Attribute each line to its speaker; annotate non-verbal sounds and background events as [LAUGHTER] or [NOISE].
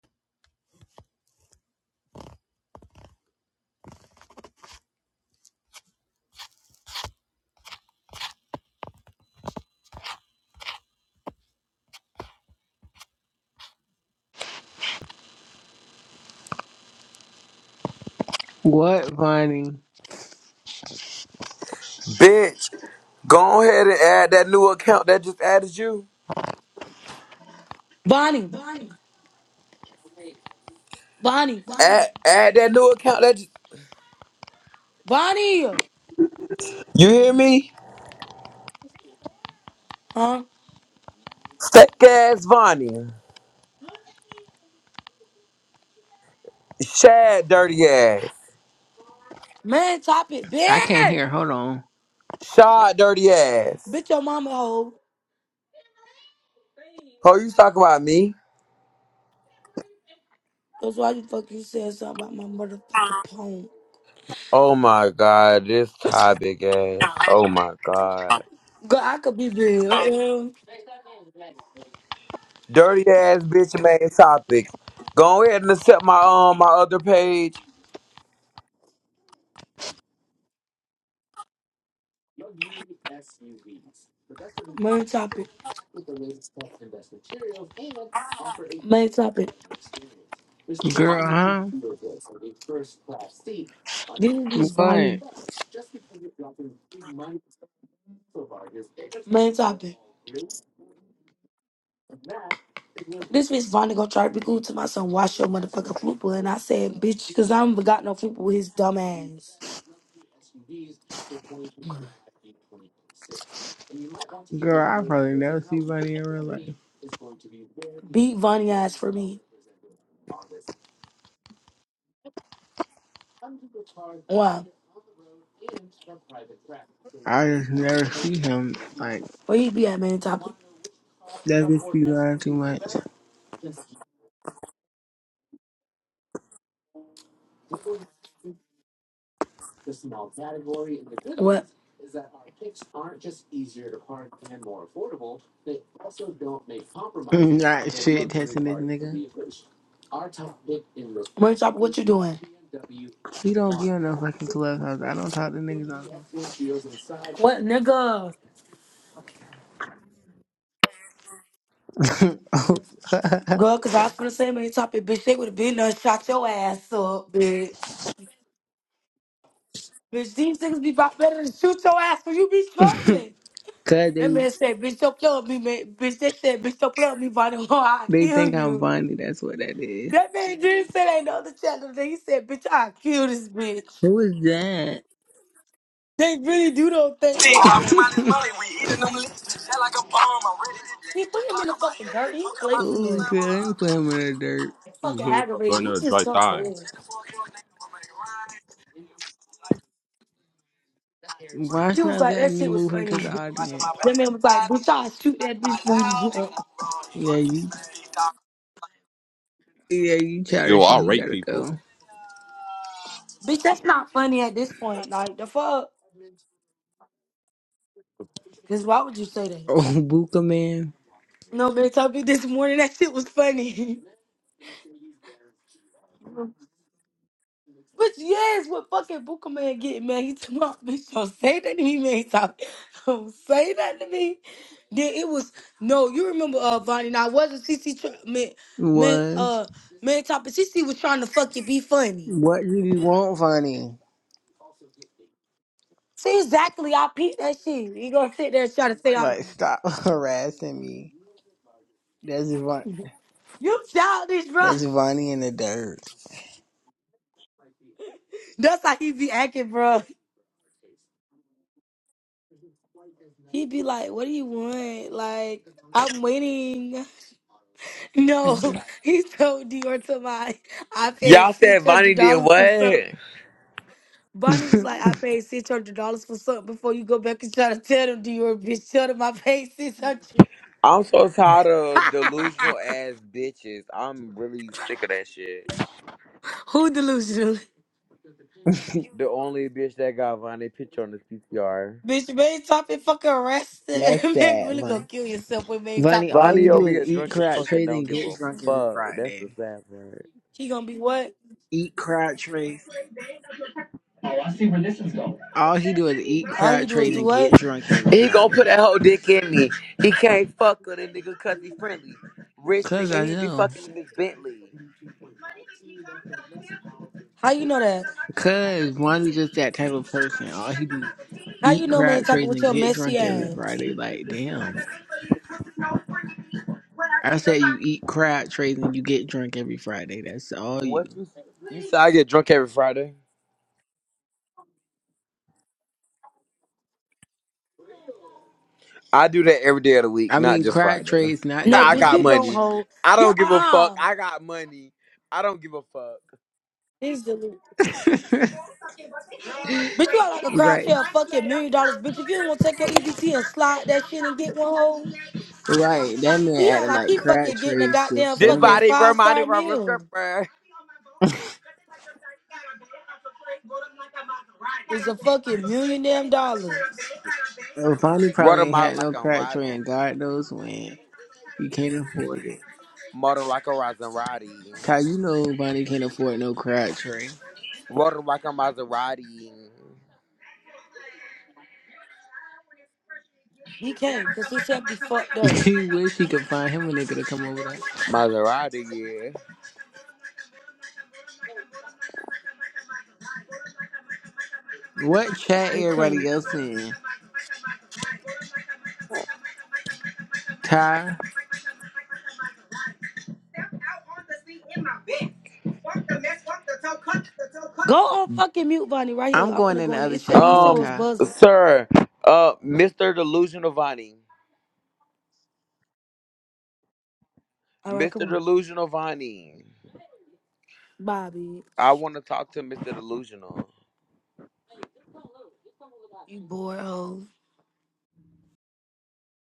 Speaker 1: What, Vonnie?
Speaker 2: Bitch, go ahead and add that new account that just added you.
Speaker 3: Bonnie, Bonnie,
Speaker 2: Add, add that new account that just.
Speaker 3: Bonnie.
Speaker 2: You hear me?
Speaker 3: Huh?
Speaker 2: Fake ass Vonnie. Shad dirty ass.
Speaker 3: Man, top it.
Speaker 1: I can't
Speaker 3: Bitch!
Speaker 1: hear. Hold on.
Speaker 2: Shad dirty ass.
Speaker 3: Bitch, your mama hoe.
Speaker 2: Oh, you talking about me?
Speaker 3: That's why you fucking said something about my motherfucking poem.
Speaker 2: Oh my god, this topic ass. Oh my god.
Speaker 3: Girl, I could be big. Uh,
Speaker 2: Dirty ass bitch made topic. Go ahead and accept my um my other page.
Speaker 3: Man, top it. Main topic. This is
Speaker 1: Girl, huh?
Speaker 3: Bonnie.
Speaker 1: What?
Speaker 3: Main topic. This bitch finally gonna try to be cool to my son. Wash your motherfucking fupa, and I said, bitch, cause I haven't got no fupa with his dumb ass.
Speaker 1: Girl, I probably never see Vonnie in real life.
Speaker 3: Beat Vonnie ass for me. Why?
Speaker 1: I just never see him. Like,
Speaker 3: Where he be at, man? Top.
Speaker 1: that bitch be lying too much.
Speaker 3: What?
Speaker 1: Not shit testing this nigga.
Speaker 3: Where's up? What is you doing?
Speaker 1: He don't
Speaker 3: one
Speaker 1: be on no fucking clubhouse. I don't talk to niggas
Speaker 3: What nigga?
Speaker 1: on clubhouse. [LAUGHS]
Speaker 3: Girl, cause I was finna say man, topic, bitch. They would have been there, and shot your ass up, bitch. Bitch, these niggas be about better than shoot your ass when you be struggling.
Speaker 1: Cause
Speaker 3: That
Speaker 1: they,
Speaker 3: man said, bitch, don't play with me, man. Bitch, they said, bitch, don't play with me, Bonnie, or [LAUGHS] I'll
Speaker 1: they
Speaker 3: kill
Speaker 1: think I'm
Speaker 3: you.
Speaker 1: Vonnie. That's what that is.
Speaker 3: That man didn't say that in the other channel. Then he said, bitch, I'll kill this bitch.
Speaker 1: Who is that?
Speaker 3: They really do don't think that, bro.
Speaker 1: [LAUGHS]
Speaker 3: See, put him in the fucking dirt. He play too
Speaker 1: Ooh,
Speaker 3: much.
Speaker 1: shit, I ain't put him in the dirt.
Speaker 4: You
Speaker 3: Fucking
Speaker 4: hit up
Speaker 3: aggravating.
Speaker 4: on
Speaker 3: He just
Speaker 4: dry
Speaker 3: got
Speaker 4: time.
Speaker 3: bored.
Speaker 1: Why
Speaker 3: He
Speaker 1: it's
Speaker 3: was
Speaker 1: not
Speaker 3: like, that
Speaker 1: letting me
Speaker 3: shit was
Speaker 1: move him to
Speaker 3: funny.
Speaker 1: the
Speaker 3: [LAUGHS]
Speaker 1: audience?
Speaker 3: That man was like, bitch, I'll shoot that bitch funny. up."
Speaker 1: Yeah, you yeah, you
Speaker 4: Yo,
Speaker 1: childish and
Speaker 4: I
Speaker 1: he
Speaker 4: rate
Speaker 1: gotta
Speaker 4: people.
Speaker 1: go. [LAUGHS]
Speaker 3: bitch, that's not funny at this point. Like, the fuck? Because why would you say that?
Speaker 1: Oh, Buka man
Speaker 3: No, man, told me this morning that shit was funny. [LAUGHS] But yes, what fucking Booker man getting mad. He told my [LAUGHS] bitch, don't say that to me, man. He talk, [LAUGHS] don't say that to me. Then it was no, you remember uh Vonnie. Now it wasn't CC tr- man man
Speaker 1: was.
Speaker 3: uh man talking CC was trying to fucking be funny.
Speaker 1: What do you want, Vonnie?
Speaker 3: See exactly I peeped that shit. He gonna sit there and try to say I,
Speaker 1: Like stop [LAUGHS] harassing me. That's Von
Speaker 3: [LAUGHS] you childish, bro.
Speaker 1: that's Vonnie in the dirt.
Speaker 3: [LAUGHS] That's how he be acting, bro. He'd be like, What do you want? Like, I'm waiting. [LAUGHS] No, he told Dior to my, I paid
Speaker 5: Y'all said
Speaker 3: six hundred
Speaker 5: Vonnie did
Speaker 3: dollars for something.
Speaker 5: what?
Speaker 3: Bonnie was like, I paid six hundred dollars for something before you go back and try to tell them Dior, bitch. Tell them I paid six hundred.
Speaker 5: I'm so tired of
Speaker 3: [LAUGHS]
Speaker 5: delusional ass bitches. I'm really sick of that shit.
Speaker 3: Who delusional?
Speaker 5: The only bitch that got Vonnie picture on this PCR.
Speaker 3: Bitch, main topic fucking arrested. [LAUGHS]
Speaker 1: That's
Speaker 3: Man,
Speaker 1: sad,
Speaker 3: really gonna
Speaker 1: Vonnie.
Speaker 3: kill yourself when main
Speaker 1: Vonnie,
Speaker 3: topic
Speaker 1: all
Speaker 3: get
Speaker 5: Vonnie
Speaker 1: you do
Speaker 3: through.
Speaker 5: over
Speaker 1: is
Speaker 5: here
Speaker 1: eat
Speaker 5: drunk as
Speaker 1: crab
Speaker 5: fuck and
Speaker 1: trays
Speaker 5: don't
Speaker 1: and
Speaker 5: give a
Speaker 1: get drunk every
Speaker 5: fuck. That's the
Speaker 1: Friday.
Speaker 5: sad part.
Speaker 3: He gonna be what?
Speaker 1: Eat crab trays.
Speaker 5: Oh, I see where this is going.
Speaker 1: All he do is eat
Speaker 3: All you
Speaker 1: crab
Speaker 3: do is
Speaker 1: trays
Speaker 3: do
Speaker 1: and
Speaker 3: what?
Speaker 1: get drunk every
Speaker 5: He gonna put
Speaker 1: Friday.
Speaker 5: that whole dick in me. He can't fuck with a nigga cause he friendly. Rich
Speaker 1: Cause
Speaker 5: nigga,
Speaker 1: I
Speaker 5: he be
Speaker 1: know.
Speaker 5: fucking in this Bentley.
Speaker 3: How you know that?
Speaker 1: Cause Vonnie just that type of person. All he do
Speaker 3: How you
Speaker 1: eat
Speaker 3: know, man,
Speaker 1: crab
Speaker 3: typing
Speaker 1: trays
Speaker 3: with
Speaker 1: and
Speaker 3: your
Speaker 1: get
Speaker 3: messy
Speaker 1: drunk every
Speaker 3: ass?
Speaker 1: Friday. Like, damn. I said you eat crab trays and you get drunk every Friday. That's all you.
Speaker 5: What you you say I get drunk every Friday? I do that every day of the week,
Speaker 1: I
Speaker 5: not
Speaker 1: mean,
Speaker 5: just
Speaker 1: crab
Speaker 5: Friday.
Speaker 1: trays not
Speaker 5: [LAUGHS]
Speaker 3: No,
Speaker 1: that
Speaker 5: I
Speaker 3: bitch,
Speaker 5: got
Speaker 3: you don't
Speaker 5: money.
Speaker 1: much.
Speaker 3: hold.
Speaker 5: I
Speaker 3: Get
Speaker 5: don't give a fuck.
Speaker 3: uh uh.
Speaker 5: I got money. I don't give a fuck.
Speaker 3: He's deleted.
Speaker 1: [LAUGHS]
Speaker 3: Bitch, you are like a crowd
Speaker 1: Right.
Speaker 3: chair, fucking million dollars, bitch. If you don't want to take your EBT and slide that shit and get one hole,
Speaker 1: right. That man
Speaker 3: yeah,
Speaker 1: acting
Speaker 3: like
Speaker 1: like
Speaker 3: he
Speaker 1: crab
Speaker 3: fucking getting a
Speaker 1: trays just
Speaker 3: goddamn
Speaker 5: This
Speaker 1: so
Speaker 3: fucking
Speaker 1: much.
Speaker 5: body
Speaker 3: five star
Speaker 5: reminded me of a
Speaker 3: meal.
Speaker 5: stripper.
Speaker 3: It's a fucking million damn dollars.
Speaker 1: Well, Fonny
Speaker 5: Run
Speaker 1: probably
Speaker 5: 'em
Speaker 1: ain't
Speaker 5: out
Speaker 1: had no
Speaker 5: like I'm
Speaker 1: crab
Speaker 5: rising.
Speaker 1: tray, and God knows when. He can't afford it.
Speaker 5: Murder like a rising roddy.
Speaker 1: Kyle, you know Bonnie can't afford no crab tray.
Speaker 5: Run 'em like a Maserati.
Speaker 3: He can't, cause his shit be fucked
Speaker 1: [LAUGHS]
Speaker 3: up.
Speaker 1: he wish he could find him a nigga to come over there.
Speaker 5: Maserati,
Speaker 1: What chat
Speaker 3: It
Speaker 1: everybody
Speaker 3: can't.
Speaker 1: else in? Ty?
Speaker 3: Go on fucking mute, Bonnie, right here.
Speaker 1: I'm
Speaker 3: I'm
Speaker 1: going
Speaker 3: finna
Speaker 1: in
Speaker 3: go
Speaker 1: the
Speaker 3: in.
Speaker 1: other
Speaker 3: It
Speaker 5: yeah.
Speaker 3: said
Speaker 1: chat.
Speaker 3: these
Speaker 1: Come on,
Speaker 3: hoes
Speaker 5: Um,
Speaker 1: Ty.
Speaker 3: buzzing.
Speaker 5: sir, uh, Mr. Delusional Vani.
Speaker 3: All right, come
Speaker 5: Mr.
Speaker 3: on.
Speaker 5: Delusional Vani.
Speaker 3: Bye,
Speaker 5: I
Speaker 3: bitch.
Speaker 5: want to talk to Mr. Delusional.
Speaker 3: You bored hoe.